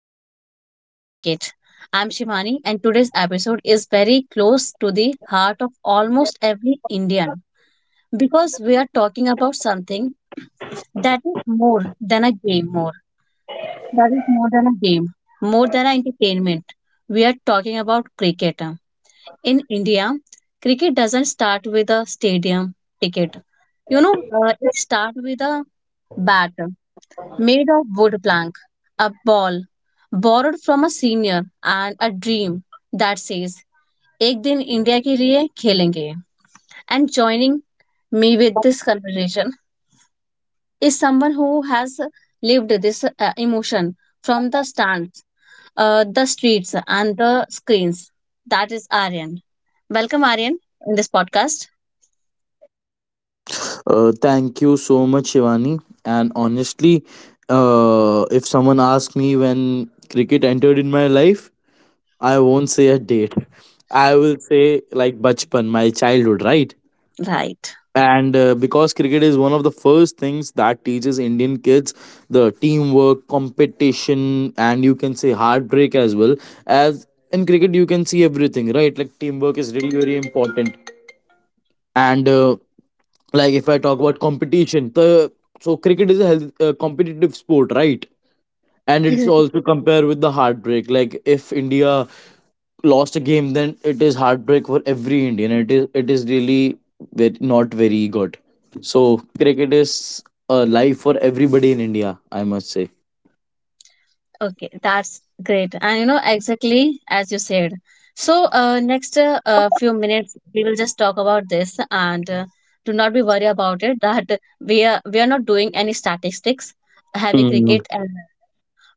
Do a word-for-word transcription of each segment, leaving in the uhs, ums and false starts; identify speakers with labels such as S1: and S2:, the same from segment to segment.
S1: which is related to cricket. I'm Shivani, and today's episode is very close to the heart of almost every Indian because we are talking about something that is more than a game, more that is more than a game, more than an entertainment. We are talking about cricket. In India, cricket doesn't start with a stadium ticket. You know, uh, it starts with a bat made of wood plank, a ball borrowed from a senior, and a dream that says, एक दिन India के लिए खेलेंगे. And joining me with this conversation is someone who has lived this uh, emotion from the stands, uh, the streets, and the screens. That is Aryan. Welcome, Aryan, in this podcast.
S2: Uh, thank you so much, Shivani. And honestly, uh, if someone asks me when cricket entered in my life, I won't say a date. I will say like bachpan, my childhood, right?
S1: Right.
S2: And uh, because cricket is one of the first things that teaches Indian kids the teamwork, competition, and you can say heartbreak as well. As in cricket, you can see everything, right? Like teamwork is really very important and uh, like if I talk about competition the so cricket is a health, uh, competitive sport right and it's
S1: Ex-
S2: also compared with the heartbreak like if india lost a game then it is heartbreak for every indian it is it is really very, not very good so cricket is a life for everybody in india I must say.
S1: Okay, that's great. And you know, exactly as you said. So, uh, next uh, uh, few minutes, we will just talk about this and uh, do not be worried about it that we are we are not doing any statistics, heavy
S2: Mm.
S1: cricket, and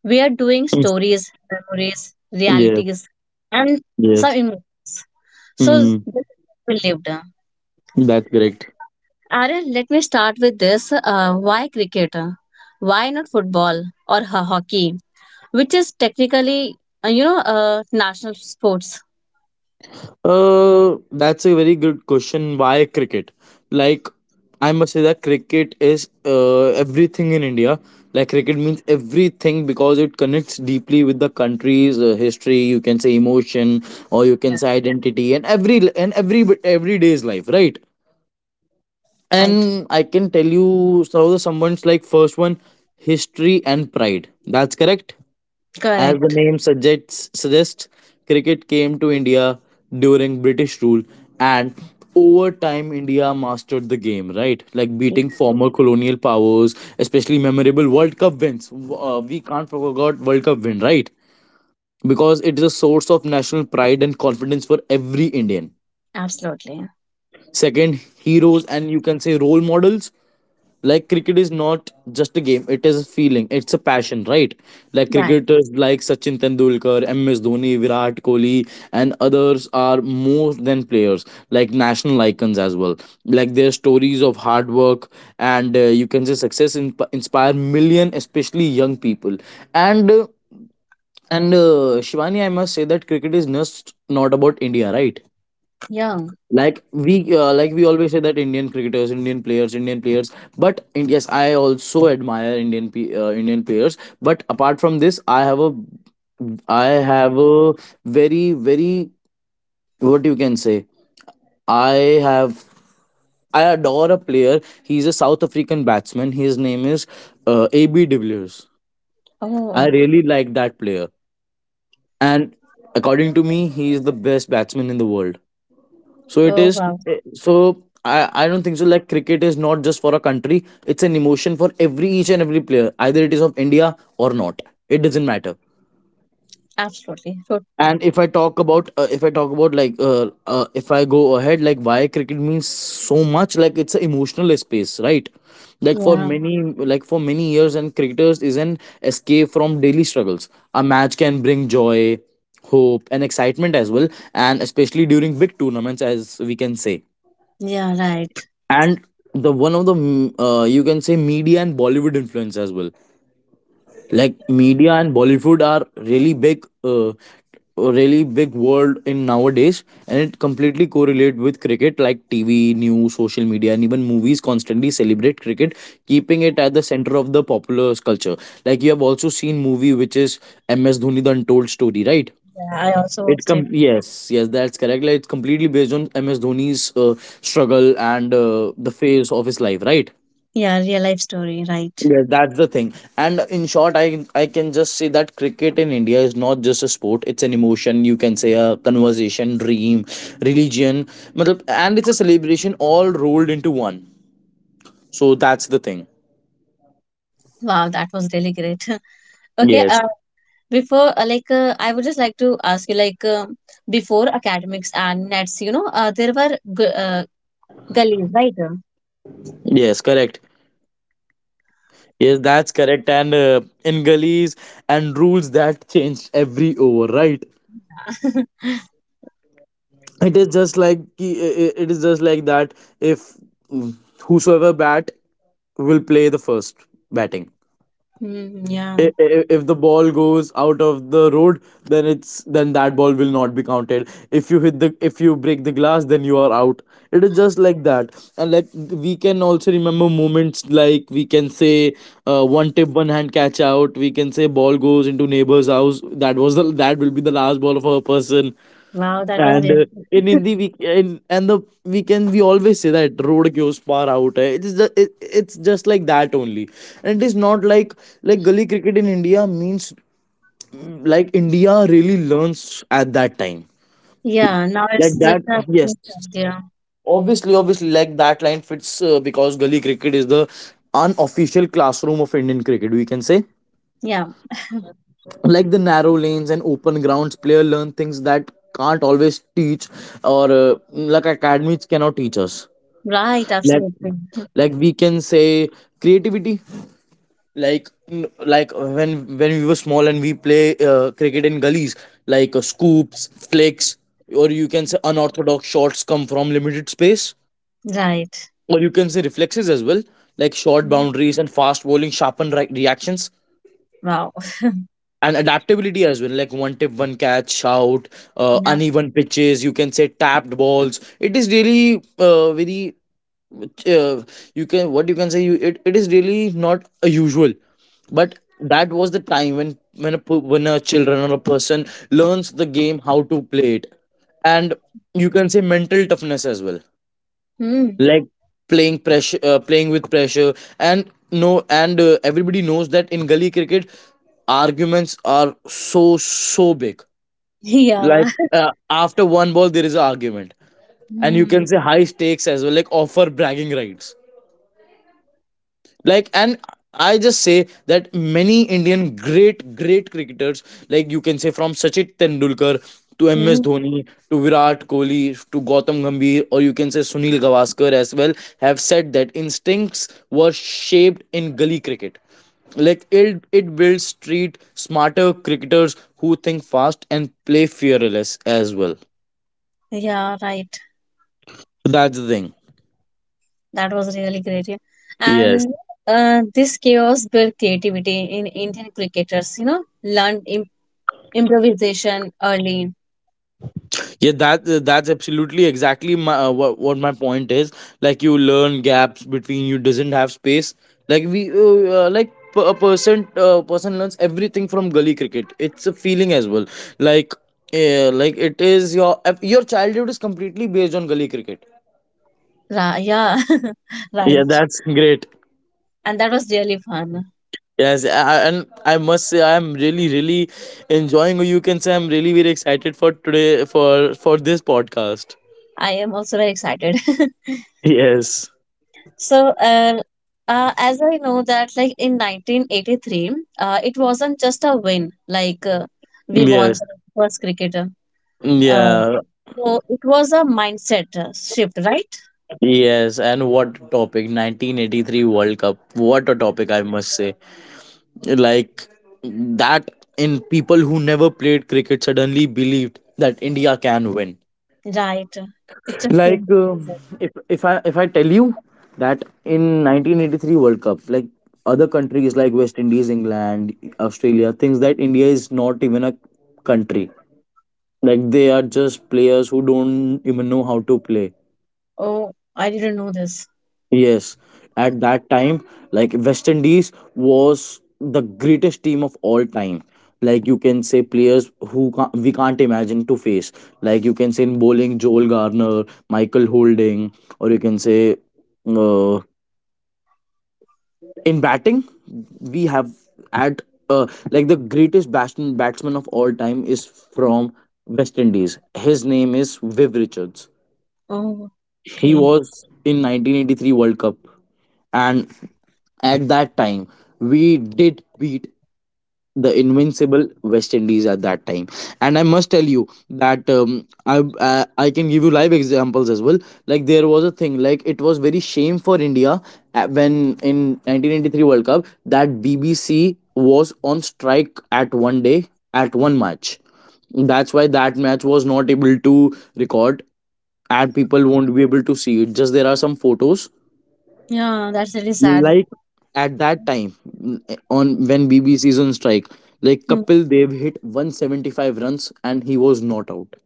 S1: we are doing stories, memories,
S2: yes,
S1: realities, and some
S2: yes.
S1: emotions. So,
S2: Mm.
S1: this we lived.
S2: That's correct.
S1: Aryan, let me start with this. Uh, why cricket? Why not football or ho- hockey? Which is technically uh, you know uh, national sports.
S2: Uh, that's a very good question. Why cricket? Like, I must say that cricket is uh, everything in India. Like, cricket means everything because it connects deeply with the country's uh, history. You can say emotion, or you can say identity, and every and every every day's life, right?
S1: Right, right,
S2: And I can tell you so someone's like first one history and pride, that's correct. As the
S1: correct.
S2: name suggests suggests cricket came to india during british rule and over time india mastered the game right like
S1: Yes,
S2: beating former colonial powers especially memorable world cup wins W- uh, we can't forget world cup win right because
S1: right,
S2: it is a source of national pride and confidence for every indian.
S1: absolutely.
S2: Second, heroes and you can say role models. Like cricket is not just a game, it is a feeling, it's a passion, right? Like
S1: Right.
S2: cricketers like Sachin Tendulkar, M S Dhoni, Virat Kohli, and others are more than players, like national icons as well. Like their stories of hard work and uh, you can say success in inspire million, especially young people. And uh, and uh, Shivani, I must say that cricket is just not about India, right?
S1: Yeah.
S2: like we uh, like we always say that indian cricketers indian players indian players but in, yes I also admire indian pe- uh, indian players but apart from this i have a i have a very very what you can say I have I adore a player he's a south african batsman his name is uh, ab de villiers.
S1: Oh,
S2: I
S1: wow.
S2: really like that player and according to me he is the best batsman in the world. So it
S1: Oh,
S2: is.
S1: wow.
S2: So I, I don't think so. Like cricket is not just for a country; it's an emotion for every each and every player. Either it is of India or not. It doesn't matter.
S1: Absolutely. So,
S2: And if I talk about uh, if I talk about like uh, uh, if I go ahead like why cricket means so much like it's an emotional space right like for
S1: yeah.
S2: many like for many years and cricketers is an escape from daily struggles, a match can bring joy hope and excitement as well and especially during big tournaments as we can say.
S1: Yeah. Right.
S2: And the one of the mm, uh, you can say media and bollywood influence as well like media and bollywood are really big uh, really big world in nowadays and it completely correlate with cricket like tv news social media and even movies constantly celebrate cricket keeping it at the center of the popular culture. Like you have also seen movie which is ms dhoni the untold story right
S1: Yeah, I also
S2: it
S1: watched
S2: com
S1: it.
S2: yes, yes, that's correct. Like it's completely based on M S Dhoni's uh, struggle and uh, the phase of his life, right?
S1: Yeah, real life story. Right.
S2: Yeah, that's the thing. And in short, I I can just say that cricket in India is not just a sport; it's an emotion. You can say a conversation, dream, religion, मतलब- and it's a celebration all rolled into one. So that's the thing.
S1: Wow, that was really great. Okay.
S2: Yes.
S1: Uh, before, uh, like, uh, I would just like to ask you, like, um before academics and nets, you know, uh, there were gu- uh, gullies, right?
S2: Yes, correct. Yes, that's correct. And uh, in gullies and rules that changed every over, right? It is just like ki- i- i- it is just like that if mm, whosoever bat will play the first batting.
S1: Mm, yeah.
S2: I- i- if the ball goes out of the road then it's then that ball will not be counted. If you hit the if you break the glass then you are out. It is just like that. And like we can also remember moments like we can say uh, one tip one hand catch out we can say ball goes into neighbor's house that was the that will be the last ball of a person.
S1: Wow, that was
S2: and
S1: really.
S2: uh, in Hindi we in and the we can we always say that road goes far out hai. It is just, it, it's just like that only. And it is not like like gully cricket in India means mm, like India really learns at that time
S1: Yeah, now
S2: like
S1: it's just
S2: that
S1: a.
S2: yes.
S1: Yeah.
S2: Obviously, obviously like that line fits uh, because gully cricket is the unofficial classroom of Indian cricket we can say.
S1: Yeah,
S2: Like the narrow lanes and open grounds player learn things that can't always teach or uh, like academies cannot teach us.
S1: right,
S2: Let
S1: absolutely.
S2: like we can say creativity like n- like uh, when when we were small and we play uh, cricket in gullies like uh, scoops flicks or you can say unorthodox shots come from limited space
S1: Right.
S2: or you can say reflexes as well like short
S1: Mm.
S2: boundaries and fast bowling sharpen re- reactions
S1: Wow.
S2: and adaptability as well like one tip one catch out, uh,
S1: Yeah.
S2: uneven pitches you can say tapped balls. It is really uh, very uh, you can what you can say you it, it is really not a usual but that was the time when when a p- when a children or a person learns the game how to play it and you can say mental toughness as well.
S1: Mm.
S2: Like playing pressure uh, playing with pressure and no and uh, everybody knows that in gully cricket arguments are so so big
S1: Yeah.
S2: like uh, after one ball there is an argument and you can
S1: Mm.
S2: say high stakes as well like offer bragging rights like. And I just say that many indian great great cricketers like you can say from sachin tendulkar to ms
S1: Mm.
S2: dhoni to virat kohli to gautam gambhir or you can say sunil gavaskar as well have said that instincts were shaped in gully cricket. Like it, it builds street smarter cricketers who think fast and play fearless as well.
S1: Yeah, right.
S2: That's the thing.
S1: That was really great. Yeah.
S2: Yes.
S1: And uh, this chaos built creativity in Indian cricketers, you know, learned im improvisation early.
S2: Yeah, that that's absolutely exactly my uh, what, what my point is. Like you learn gaps between you doesn't have space. Like we uh, uh, like p- a person uh, person learns everything from gully cricket. It's a feeling as well. Like uh, like it is your your childhood is completely based on gully cricket.
S1: Ra yeah,
S2: Yeah,
S1: right.
S2: that's great.
S1: And that was really fun.
S2: Yes, I, and I must say I'm really, really enjoying. Or you can say I'm really, very excited for today for for this podcast.
S1: I am also very excited.
S2: Yes.
S1: So, uh, uh, as I know that, like in nineteen eighty-three, uh, it wasn't just a win, like uh, we won
S2: Yes.
S1: the first cricketer. Uh,
S2: Yeah.
S1: so it was a mindset uh, shift, right?
S2: Yes, and what a topic? nineteen eighty-three World Cup. What a topic, I must say. Like that, in people who never played cricket suddenly believed that India can win.
S1: Right. It's a changed the
S2: Like uh,
S1: mindset.
S2: if if I if I tell you that in nineteen eighty-three World Cup, like other countries like West Indies, England, Australia, thinks that India is not even a country. Like they are just players who don't even know how to play.
S1: Oh, I didn't know this.
S2: Yes, at that time, like West Indies was the greatest team of all time. Like you can say players who ca we can't imagine to face. Like you can say in bowling, Joel Garner, Michael Holding, or you can say uh, in batting, we have at uh, like the greatest batsman batsman of all time is from West Indies. His name is Viv Richards.
S1: Oh,
S2: He
S1: okay.
S2: was in nineteen eighty-three World Cup, and at that time we did beat the invincible West Indies at that time. And I must tell you that um, I uh, I can give you live examples as well. Like there was a thing like it was very shame for India uh, when in nineteen eighty-three World Cup that B B C was on strike at one day at one match that's why that match was not able to record and people won't be able to see it just there are some photos.
S1: Yeah, that's really sad.
S2: Like at that time n- on when bbc is on strike like
S1: Hmm.
S2: kapil dev hit one hundred seventy-five runs and he was not out.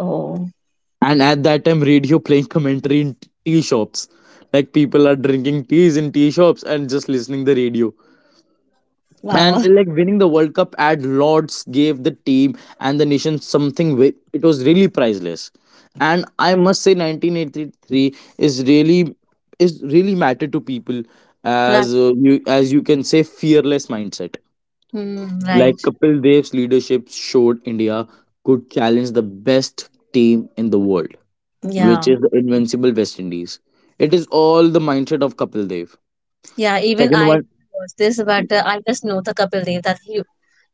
S1: Oh,
S2: And at that time radio playing commentary in t- tea shops like people are drinking teas in tea shops and just listening the radio.
S1: wow.
S2: And like winning the world cup at lords gave the team and the nation something wi- it was really priceless. And I must say nineteen eighty-three is really is really matter to people
S1: Right.
S2: as uh, you as you can say fearless mindset.
S1: Hmm,
S2: Like
S1: right.
S2: kapil dev's leadership showed india could challenge the best team in the world which
S1: Yeah.
S2: is the invincible west indies. It is all the mindset of kapil dev.
S1: Yeah, even
S2: Second
S1: I
S2: one,
S1: watched this, but uh, I just know the Kapil Dev that he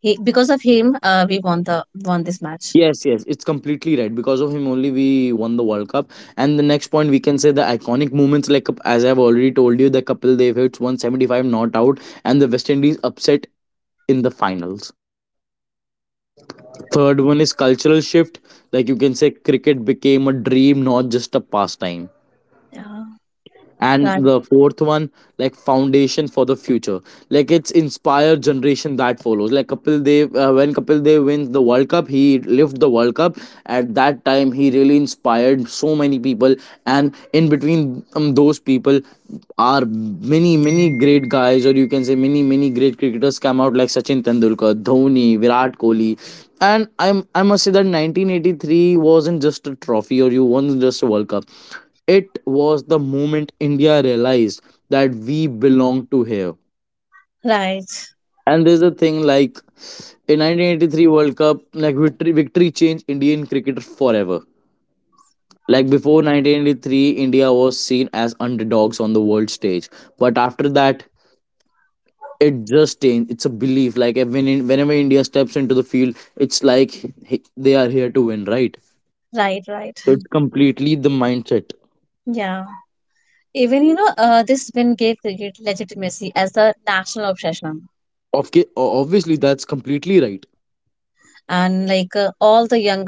S1: He because of him, uh, we won the won this match.
S2: yes, yes, it's completely right. Because of him only we won the World Cup. And the next point we can say the iconic moments, like as I've already told you, the Kapil Dev hits one seventy-five not out and the West Indies upset in the finals. Third one is cultural shift. Like you can say cricket became a dream, not just a pastime.
S1: Yeah.
S2: And
S1: Right.
S2: the fourth one, like foundation for the future, like it's inspired generation that follows. Like Kapil Dev, uh, when Kapil Dev wins the World Cup, he lived the World Cup. At that time he really inspired so many people. And in between um, those people are many many great guys, or you can say many many great cricketers come out, like Sachin Tendulkar, Dhoni, Virat Kohli. And i'm i must say that nineteen eighty-three wasn't just a trophy, or you won just a World Cup. It was the moment India realized that we belong to here.
S1: Right.
S2: And there's a thing like in nineteen eighty-three World Cup, like victory, victory changed Indian cricket forever. Like before nineteen eighty-three, India was seen as underdogs on the world stage. But after that, it just changed. It's a belief. Like eh, when in, whenever India steps into the field, it's like he- they are here to win, right?
S1: Right. Right.
S2: So it's completely the mindset.
S1: Yeah. Even you know, uh, this win gave cricket legitimacy as the national obsession,
S2: Of Obviously, that's completely right.
S1: and like uh, all the young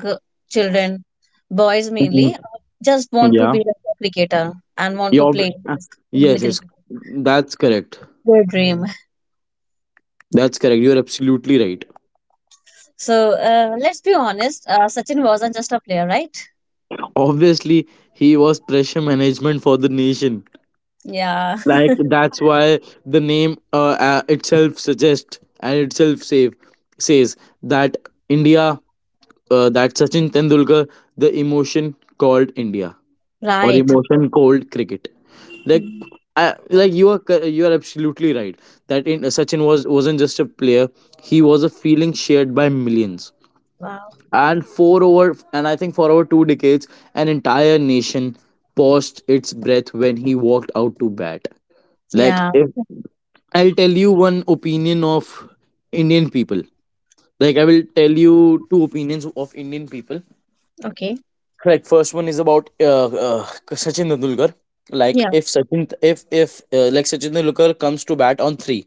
S1: children, boys mainly,
S2: Mhm.
S1: just want to
S2: Yeah.
S1: be like a cricketer and want
S2: You
S1: to
S2: ob-
S1: play
S2: uh,
S1: in the
S2: yes,
S1: cricket.
S2: yes, That's correct.
S1: Their dream.
S2: That's correct. You're absolutely right.
S1: So uh, let's be honest, uh, Sachin wasn't just a player, right?
S2: Obviously, he was pressure management for the nation.
S1: Yeah,
S2: Like that's why the name uh, uh, itself suggests and itself save, says that India, uh, that Sachin Tendulkar, the emotion called India, or
S1: right.
S2: emotion called cricket. Like,
S1: Mm.
S2: I, like you are cor- you are absolutely right that in, Sachin was wasn't just a player; he was a feeling shared by millions.
S1: Wow.
S2: And for over and I think for over two decades an entire nation paused its breath when he walked out to bat. Like
S1: Yeah.
S2: if I'll tell you one opinion of Indian people, like I will tell you two opinions of Indian people.
S1: Okay.
S2: Like first one is about uh, uh, Sachin Tendulkar. Like
S1: Yeah.
S2: if sachin if if uh, like sachin Tendulkar comes to bat on three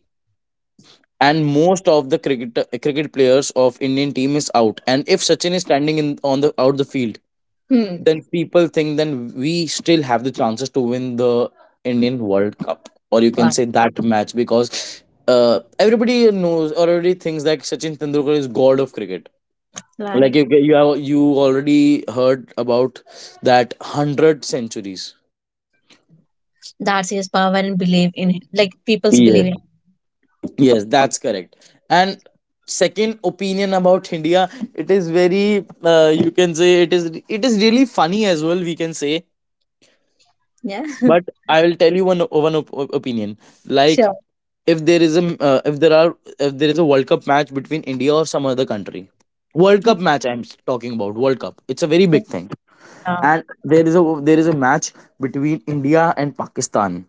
S2: and most of the cricket cricket players of Indian team is out, and if Sachin is standing in on the out the field,
S1: Hmm.
S2: then people think then we still have the chances to win the Indian World Cup, or you can
S1: Wow.
S2: say that match, because uh, everybody knows or already thinks that Sachin Tendulkar is god of cricket. Like
S1: Right.
S2: you, you have you already heard about that hundred centuries.
S1: That's his power and believe in him. Like people's believe
S2: Yes.
S1: in him.
S2: Yes, that's correct. And second opinion about India, it is very uh, you can say it is, it is really funny as well. We can say,
S1: Yeah.
S2: but I will tell you one one op- op- opinion. Like
S1: Sure.
S2: if there is a m- uh, if there are if there is a World Cup match between India or some other country, World Cup match, i'm s- talking about World Cup, it's a very
S1: Okay.
S2: big thing,
S1: Yeah.
S2: and there is a, there is a match between India and Pakistan.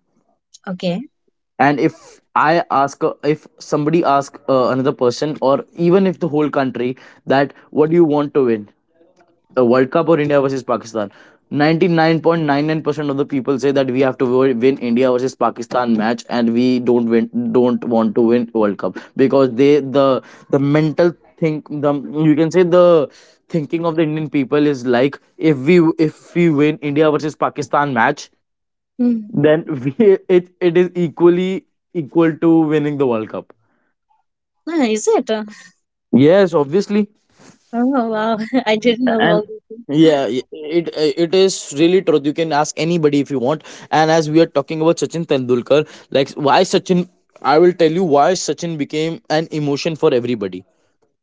S1: Okay.
S2: And if I ask uh, if somebody ask uh, another person or even if the whole country that what do you want to win, a World Cup or India versus Pakistan, ninety-nine point nine nine percent of the people say that we have to wo- win India versus Pakistan match and we don't win, don't want to win World Cup. Because they the the mental think, the, you can say, the thinking of the Indian people is like if we if we win India versus Pakistan match,
S1: Hmm.
S2: then we it, it is equally equal to winning the World Cup.
S1: Ah, is it? Uh,
S2: Yes, obviously.
S1: Oh wow. I didn't know all
S2: And
S1: this.
S2: yeah, i- it it is really truth, you can ask anybody if you want. And as we are talking about Sachin Tendulkar, like why Sachin, I will tell you why Sachin became an emotion for everybody.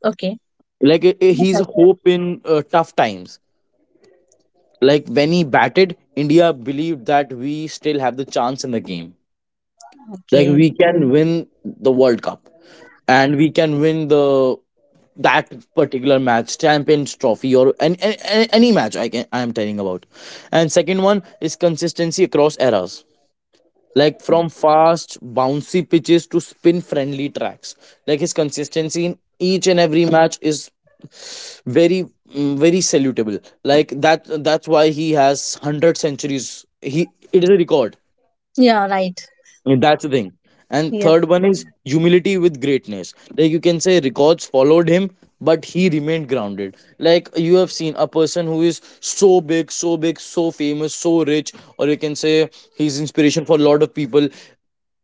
S1: Okay.
S2: Like i- i- he's a hope in uh, tough times. Like when he batted, India believed that we still have the chance in the game. Like
S1: Okay.
S2: we can win the World Cup and we can win the, that particular match, champions trophy, or any, any, any match I can, I am telling about. And second one is consistency across eras, like from fast bouncy pitches to spin friendly tracks. Like his consistency in each and every match is very, mm, very salutable. Like that that's why he has one hundred centuries. He, it is a record.
S1: Yeah, right.
S2: That's the thing. And
S1: Yeah.
S2: third one is humility with greatness. Like you can say records followed him, but he remained grounded. Like you have seen a person who is so big, so big, so famous, so rich, or you can say he's inspiration for a lot of people.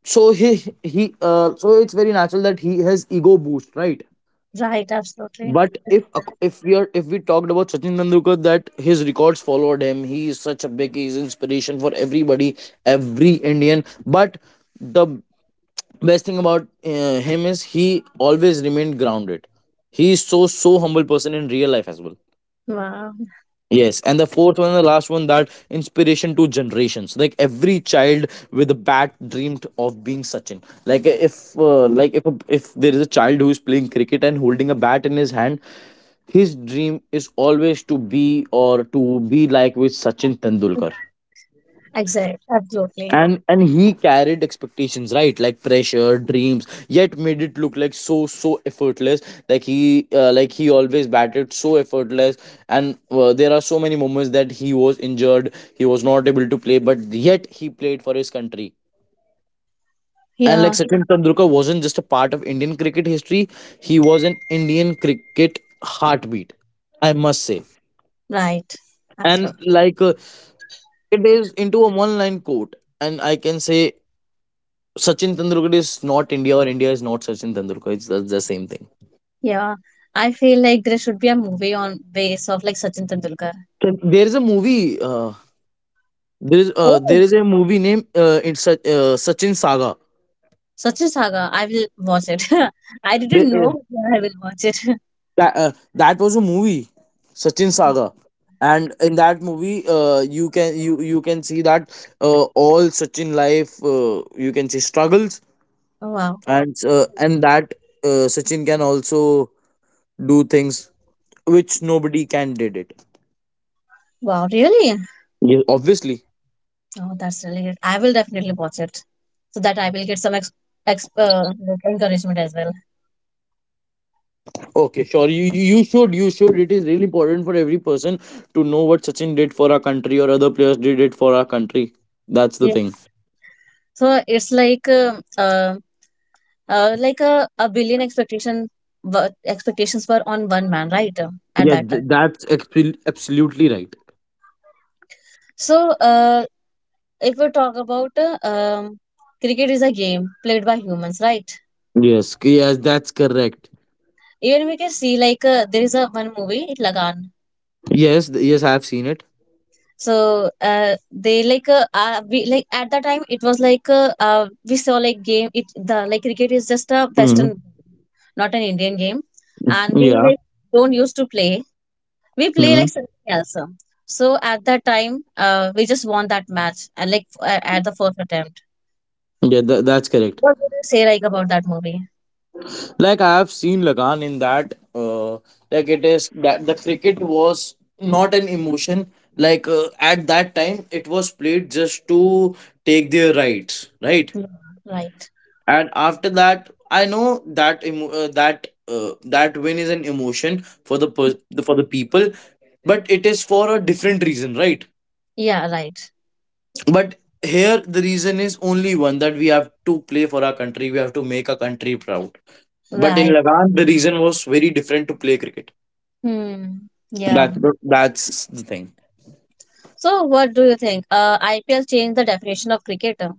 S2: So he he uh, so it's very natural that he has ego boost, right?
S1: Right, absolutely.
S2: But if ac- if we are if we talked about Sachin Tendulkar, that his records followed him, he is such a big, he's inspiration for everybody, every Indian. But the best thing about uh, him is he always remained grounded. He is so so humble person in real life as well.
S1: Wow.
S2: Yes, and the fourth one, the last one, that inspiration to generations. Like every child with a bat dreamed of being Sachin. Like uh, if uh, like if if there is a child who is playing cricket and holding a bat in his hand, his dream is always to be, or to be like with Sachin Tendulkar.
S1: Exactly. Absolutely.
S2: And and he carried expectations, right? Like pressure dreams, yet made it look like so so effortless. Like he uh, like he always batted so effortless. And uh, there are so many moments that he was injured, he was not able to play, but yet he played for his country. And like
S1: Yeah.
S2: Sachin Tendulkar wasn't just a part of Indian cricket history, he was an Indian cricket heartbeat, I must say.
S1: Right.
S2: And
S1: Absolutely.
S2: like uh, it is into a one line quote, and I can say Sachin Tendulkar is not India or India is not Sachin Tendulkar. It's the, the same thing.
S1: Yeah. I feel like there should be a movie on base of like Sachin Tendulkar.
S2: So there is a movie. Uh, there is uh, there
S1: Oh,
S2: is a movie named uh, it's Sa- uh, Sachin Saga.
S1: Sachin Saga. I will watch it. I
S2: There-
S1: didn't
S2: uh,
S1: know, but I will watch it.
S2: that uh, that was a movie, Sachin Saga, and in that movie, uh, you can you you can see that uh, all Sachin life, uh, you can see struggles.
S1: Oh, wow.
S2: And uh, and that uh, Sachin can also do things which nobody can did it.
S1: Wow, really?
S2: Yeah. Obviously.
S1: Oh, that's really good. I will definitely watch it so that I will get some ex ex uh, like encouragement as well.
S2: Okay, sure. You you you should, you should. It is really important for every person to know what Sachin did for our country or other players did it for our country. That's the
S1: Yeah.
S2: thing.
S1: So it's like um uh, uh, like a, a billion expectation but expectations were on one man, right? uh, At
S2: Yeah,
S1: that
S2: th-
S1: time.
S2: that's exp- absolutely right.
S1: So uh, if we talk about uh, um, cricket is a game played by humans, right?
S2: Yes, c- yes, that's correct.
S1: Even we can see like uh, there is a one movie Lagan.
S2: Yes, th- yes, I have seen it.
S1: So uh, they like uh, uh we like at that time it was like uh, uh we saw like game it the like cricket is just a
S2: Mm.
S1: Western not an Indian game and we
S2: Yeah.
S1: like don't used to play we play
S2: Mm.
S1: like something else. uh. So at that time uh we just won that match and like uh, at the first attempt.
S2: Yeah, tha- that's correct.
S1: What would you say like about that movie?
S2: Like I have seen Lagan in that. Uh, like it is that the cricket was not an emotion. Like uh, at that time, it was played just to take their rights, right?
S1: Yeah, right.
S2: And after that I know that emo- uh, that uh, that win is an emotion for the per- for the people, but it is for a different reason, right?
S1: Yeah, right.
S2: But here the reason is only one, that we have to play for our country, we have to make our country proud. But in
S1: Right.
S2: Lagan the reason was very different to play cricket.
S1: Hmm. Yeah.
S2: That, that's the thing.
S1: So what do you think? Uh, I P L changed the definition of cricket. uh?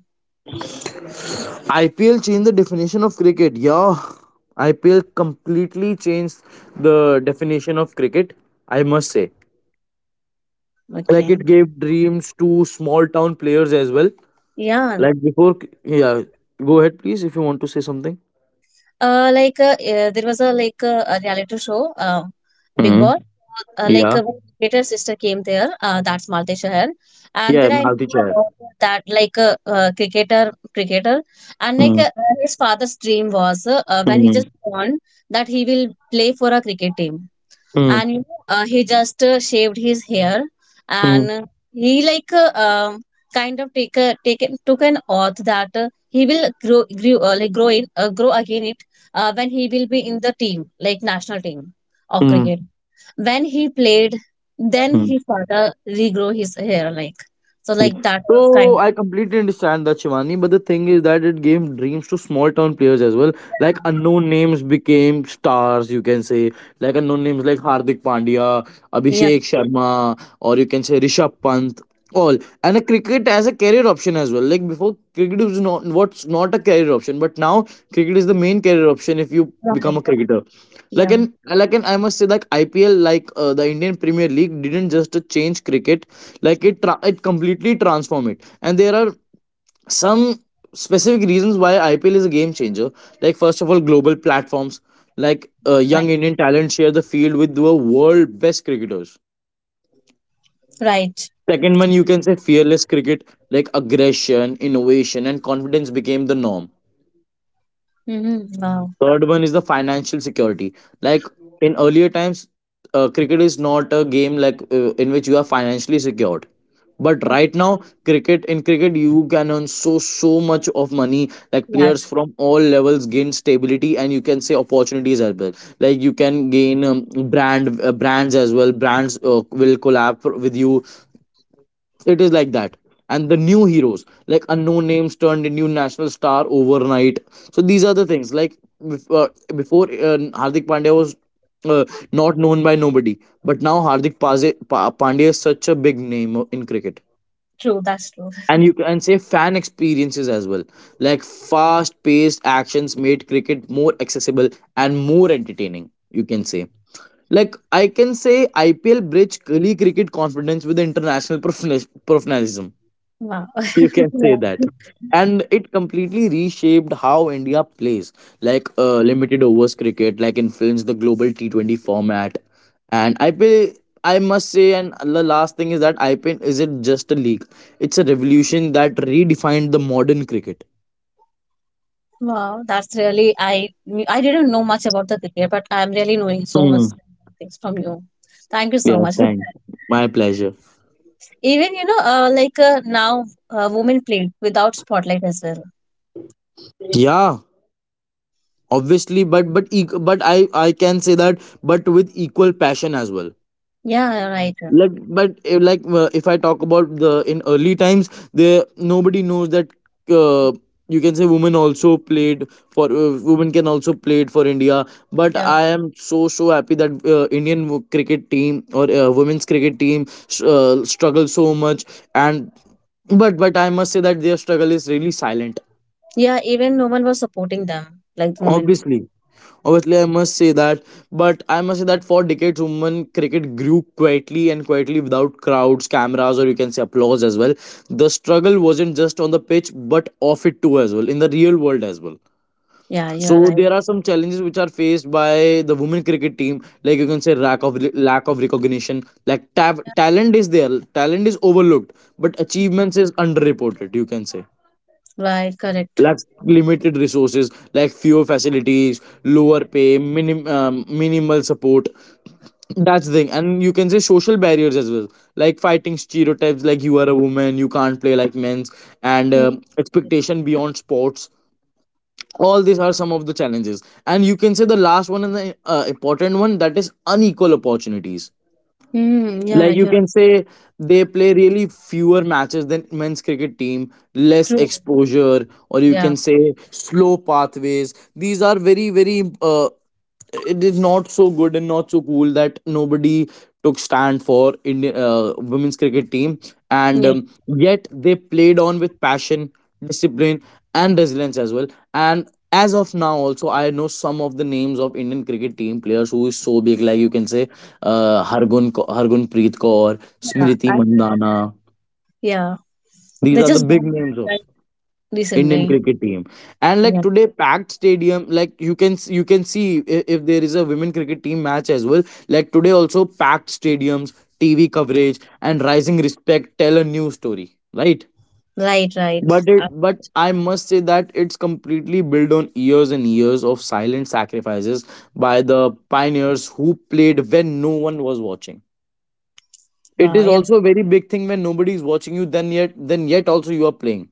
S2: I P L changed the definition of cricket. Yeah, I P L completely changed the definition of cricket, I must say. Like
S1: Okay.
S2: it gave dreams to small town players as well.
S1: Yeah,
S2: Like before, yeah, go ahead please if you want to say something.
S1: Uh, like uh, uh, there was a like uh, a reality show, uh, Big
S2: Mm.
S1: Boss. Uh, like
S2: Yeah.
S1: uh, when Gator sister came there, uh, that's Malti Shahar, and
S2: Yeah,
S1: there I
S2: I'm out the
S1: knew
S2: chair.
S1: about that like uh, uh, cricketer, cricketer, and like
S2: Mm.
S1: uh, his father's dream was uh, uh, when he
S2: Mm.
S1: just born that he will play for a cricket team
S2: Mm.
S1: and you know, uh, he just uh, shaved his hair
S2: Mm.
S1: and he like uh, um, kind of take a taken took an oath that uh, he will grow grew, uh, like grow in uh, grow again it uh, when he will be in the team like national team of cricket when he played then
S2: Mm.
S1: his father regrow his hair like so
S2: Yeah.
S1: like that was
S2: So
S1: kind
S2: I completely understand that Shivani, but the thing is that it gave dreams to small town players as well. Like
S1: of
S2: unknown names became stars, you can say. Like unknown names like Hardik Pandya,
S1: yeah
S2: Abhishek Sharma, or you can say Rishabh Pant, all. And a cricket as a career option as well. Like before, cricket was not what's not a career option, but now cricket is the main career option if you become
S1: right
S2: a cricketer. Like
S1: yeah
S2: an like an I must say like I P L, like uh, the Indian Premier League didn't just change cricket, like it tra- it completely transform it. And there are some specific reasons why IPL is a game changer. Like first of all, global platforms. Like uh, young
S1: right
S2: Indian talent share the field with the world best cricketers.
S1: right
S2: Second one, you can say fearless cricket, like aggression, innovation and confidence became the norm.
S1: mm-hmm. Wow
S2: Third one is the financial security. Like in earlier times, uh, cricket is not a game like uh, in which you are financially secured. But right now, cricket, in cricket you can earn so so much of money. Like
S1: yeah
S2: players from all levels gain stability, and you can say opportunities as well. Like you can gain um, brand, uh, brands as well. Brands uh, will collab for- with you, it is like that. And the new heroes like unknown names turned into national star overnight. So these are the things like bef- uh, before uh, Hardik Pandya was uh, not known by nobody, but now hardik Paze- pa- pandya is such a big name uh, in cricket.
S1: true that's true
S2: And you can say fan experiences as well, like fast paced actions made cricket more accessible and more entertaining, you can say. Like I can say IPL bridge gully cricket confidence with international professional- professionalism.
S1: wow
S2: You can say that.
S1: yeah.
S2: And it completely reshaped how India plays, like uh, limited overs cricket like influenced the global T twenty format and IPL, I must say. And the last thing is that IPL isn't just a league, it's a revolution that redefined the modern cricket.
S1: Wow, that's really I I didn't know much about the cricket, but I'm really knowing so much
S2: Hmm.
S1: things from you. Thank you so
S2: Yeah,
S1: much for
S2: thanks,
S1: that.
S2: my pleasure.
S1: Even you know, uh, like uh, now, uh, women played without spotlight as well.
S2: Yeah, obviously, but but eq- but i i can say that, but with equal passion as well.
S1: Yeah, you're right.
S2: Like but eh, like uh, if I talk about the in early times, there nobody knows that, uh, you can say women also played, for uh, women can also played for India. But
S1: Yeah,
S2: I am so so happy that uh, indian wo- cricket team or uh, women's cricket team s- uh, struggle so much. And but but I must say that their struggle is really silent.
S1: yeah. Even no one was supporting them, like women.
S2: Obviously. Obviously, I must say that, but I must say that for decades, women cricket grew quietly and quietly without crowds, cameras, or you can say applause as well. The struggle wasn't just on the pitch, but off it too as well, in the real world as well.
S1: Yeah, you're
S2: So
S1: right.
S2: there are some challenges which are faced by the women cricket team, like you can say lack of lack of recognition, like ta- talent is there, talent is overlooked, but achievements is underreported. You can say
S1: Right, correct.
S2: lack, limited resources like fewer facilities, lower pay, minim, um, minimal support, that's the thing. And you can say social barriers as well, like fighting stereotypes like you are a woman, you can't play like men's. And
S1: Yeah.
S2: um expectation beyond sports. All these are some of the challenges. And you can say the last one and the uh, important one, that is unequal opportunities.
S1: Mm, yeah,
S2: Like
S1: right,
S2: you
S1: you're right.
S2: can say they play really fewer matches than men's cricket team, less
S1: True.
S2: exposure or you
S1: Yeah,
S2: can say slow pathways. These are very very uh, it is not so good and not so cool that nobody took stand for Indian uh, women's cricket team, and
S1: yeah,
S2: um, yet they played on with passion, discipline, and resilience as well. And as of now, also I know some of the names of Indian cricket team players who is so big, like you can say, uh, Hargun Ko- Hargunpreet Kaur,
S1: yeah. I
S2: Smriti
S1: heard it.
S2: Mandana.
S1: Yeah,
S2: These
S1: they
S2: are the
S1: just
S2: big
S1: won
S2: names
S1: that,
S2: of.
S1: right,
S2: Indian
S1: recently.
S2: cricket team. And
S1: Yeah,
S2: like today, packed stadium. Like you can s- you can see i- if there is a women cricket team match as well. Like today, also packed stadiums, T V coverage, and rising respect tell a new story, right?
S1: right, right.
S2: But it
S1: Uh,
S2: but I must say that it's completely built on years and years of silent sacrifices by the pioneers who played when no one was watching. It
S1: wow,
S2: is
S1: yeah.
S2: also a very big thing when nobody is watching you. Then yet then yet also you are playing.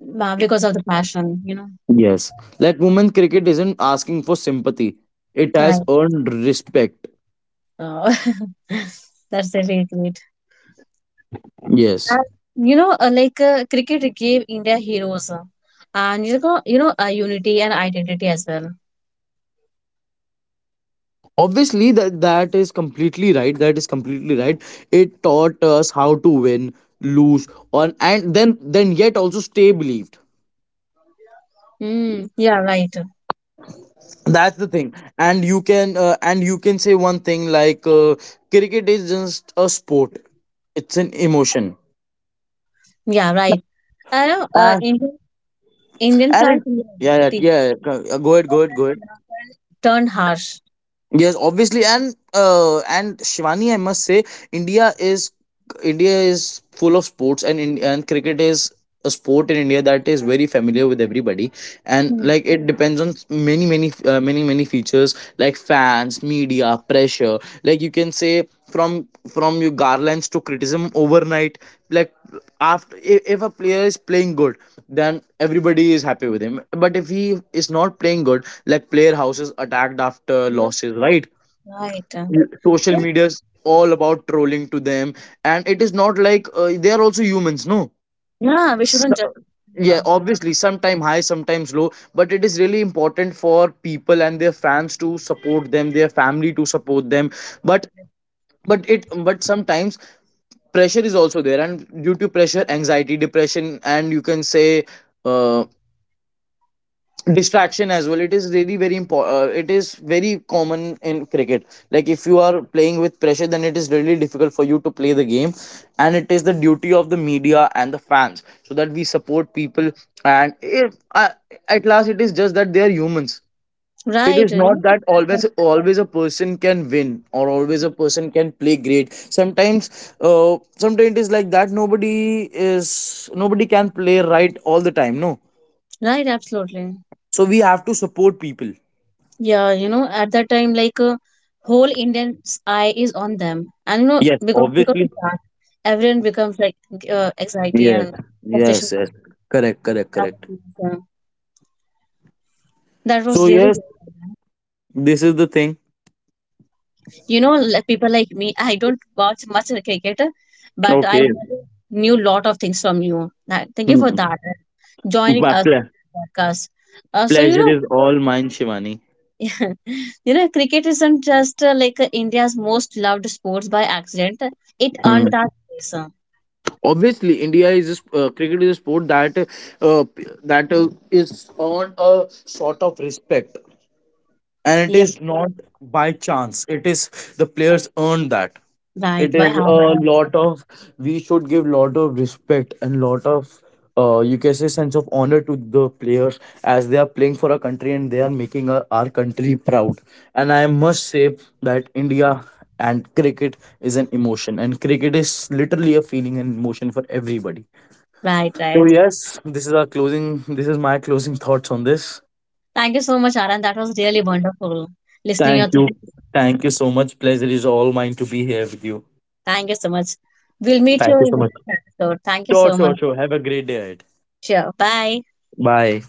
S1: Wow, because of the passion, you know.
S2: Yes. Like women cricket isn't asking for sympathy. It has
S1: Right.
S2: earned respect.
S1: Oh, that's really great.
S2: Yes.
S1: And, you know, uh, like uh, cricket gave India heroes, uh, and you know, you know, uh, unity and identity as well.
S2: Obviously that that is completely right. That is completely right. It taught us how to win, lose, on and then then yet also stay believed.
S1: Mm, yeah, right.
S2: That's the thing. And you can uh, and you can say one thing like uh, cricket is just a sport. It's an emotion.
S1: Yeah, right. I know, uh,
S2: And
S1: Indian Indian
S2: and it
S1: fans
S2: yeah, yeah,
S1: yeah,
S2: yeah. Go go ahead go ahead go ahead.
S1: turned harsh.
S2: Yes, obviously, and uh, and Shivani, I must say, India is India is full of sports, and in, and cricket is a sport in India that is very familiar with everybody, and
S1: Mm.
S2: like it depends on s- many many uh, many many features like fans, media, pressure. Like you can say from from your garlands to criticism overnight. Like after if, if a player is playing good, then everybody is happy with him. But if he is not playing good, like player houses attacked after
S1: Yeah,
S2: losses, right?
S1: right. Uh,
S2: L- social media's all about trolling to them, and it is not like uh, they are also humans, no.
S1: Yeah, we
S2: S-
S1: shouldn't judge
S2: yeah,
S1: anyone.
S2: obviously, sometime high sometimes low, but it is really important for people and their fans to support them, their family to support them. But but it but sometimes pressure is also there, and due to pressure anxiety depression, and you can say uh, distraction as well. It is really very important, uh, it is very common in cricket. Like if you are playing with pressure, then it is really difficult for you to play the game. And it is the duty of the media and the fans so that we support people. And if uh, at last, it is just that they are humans. It
S1: Right.
S2: is
S1: uh, You
S2: not
S1: know,
S2: that always always a person can win, or always a person can play great. Sometimes uh, sometimes it is like that, nobody is nobody can play right all the time, no.
S1: right. Absolutely.
S2: So we have to support people.
S1: Yeah, you know, at that time, like uh, whole Indian's eye is on them, and you know,
S2: Yes,
S1: because because of
S2: obviously.
S1: that, everyone becomes like uh, anxiety
S2: Yes,
S1: and obsession.
S2: yes, yes. Correct, correct,
S1: That
S2: correct.
S1: was yeah, that
S2: So
S1: was really
S2: yes,
S1: good.
S2: this is the thing.
S1: You know, like, people like me, I don't watch much cricket, but I
S2: Okay.
S1: knew lot of things from you. That, thank you for
S2: Hmm.
S1: that, uh, joining
S2: My
S1: us on
S2: ple-
S1: this podcast. Uh, so you
S2: Pleasure is
S1: know,
S2: all mine, Shivani.
S1: you know, cricket isn't just uh, like uh, India's most loved sports by accident. It
S2: Hmm.
S1: earned that place. uh.
S2: Obviously, India is a sp- uh, cricket is a sport that uh, p- that uh, is on a sort of respect. And it
S1: Yeah,
S2: is not by chance, it is the players earned that.
S1: right.
S2: It
S1: By
S2: is
S1: hard
S2: a
S1: work.
S2: lot of, we should give lot of respect and lot of uh, you can say sense of honor to the players, as they are playing for our country and they are making our, our country proud. And I must say that India and cricket is an emotion, and cricket is literally a feeling and emotion for everybody.
S1: Right,
S2: So
S1: right.
S2: yes, this is our closing, this is my closing thoughts on this.
S1: Thank you so much, Aran. That was really wonderful listening your
S2: Thank
S1: thoughts.
S2: you. Thank you so much. Pleasure is all mine to be here with you.
S1: Thank you so much. We'll meet you
S2: Thank you
S1: in
S2: so
S1: the
S2: much.
S1: next episode. Thank you
S2: Sure,
S1: so much.
S2: sure, sure. Have a great day ahead.
S1: Sure. Bye.
S2: Bye.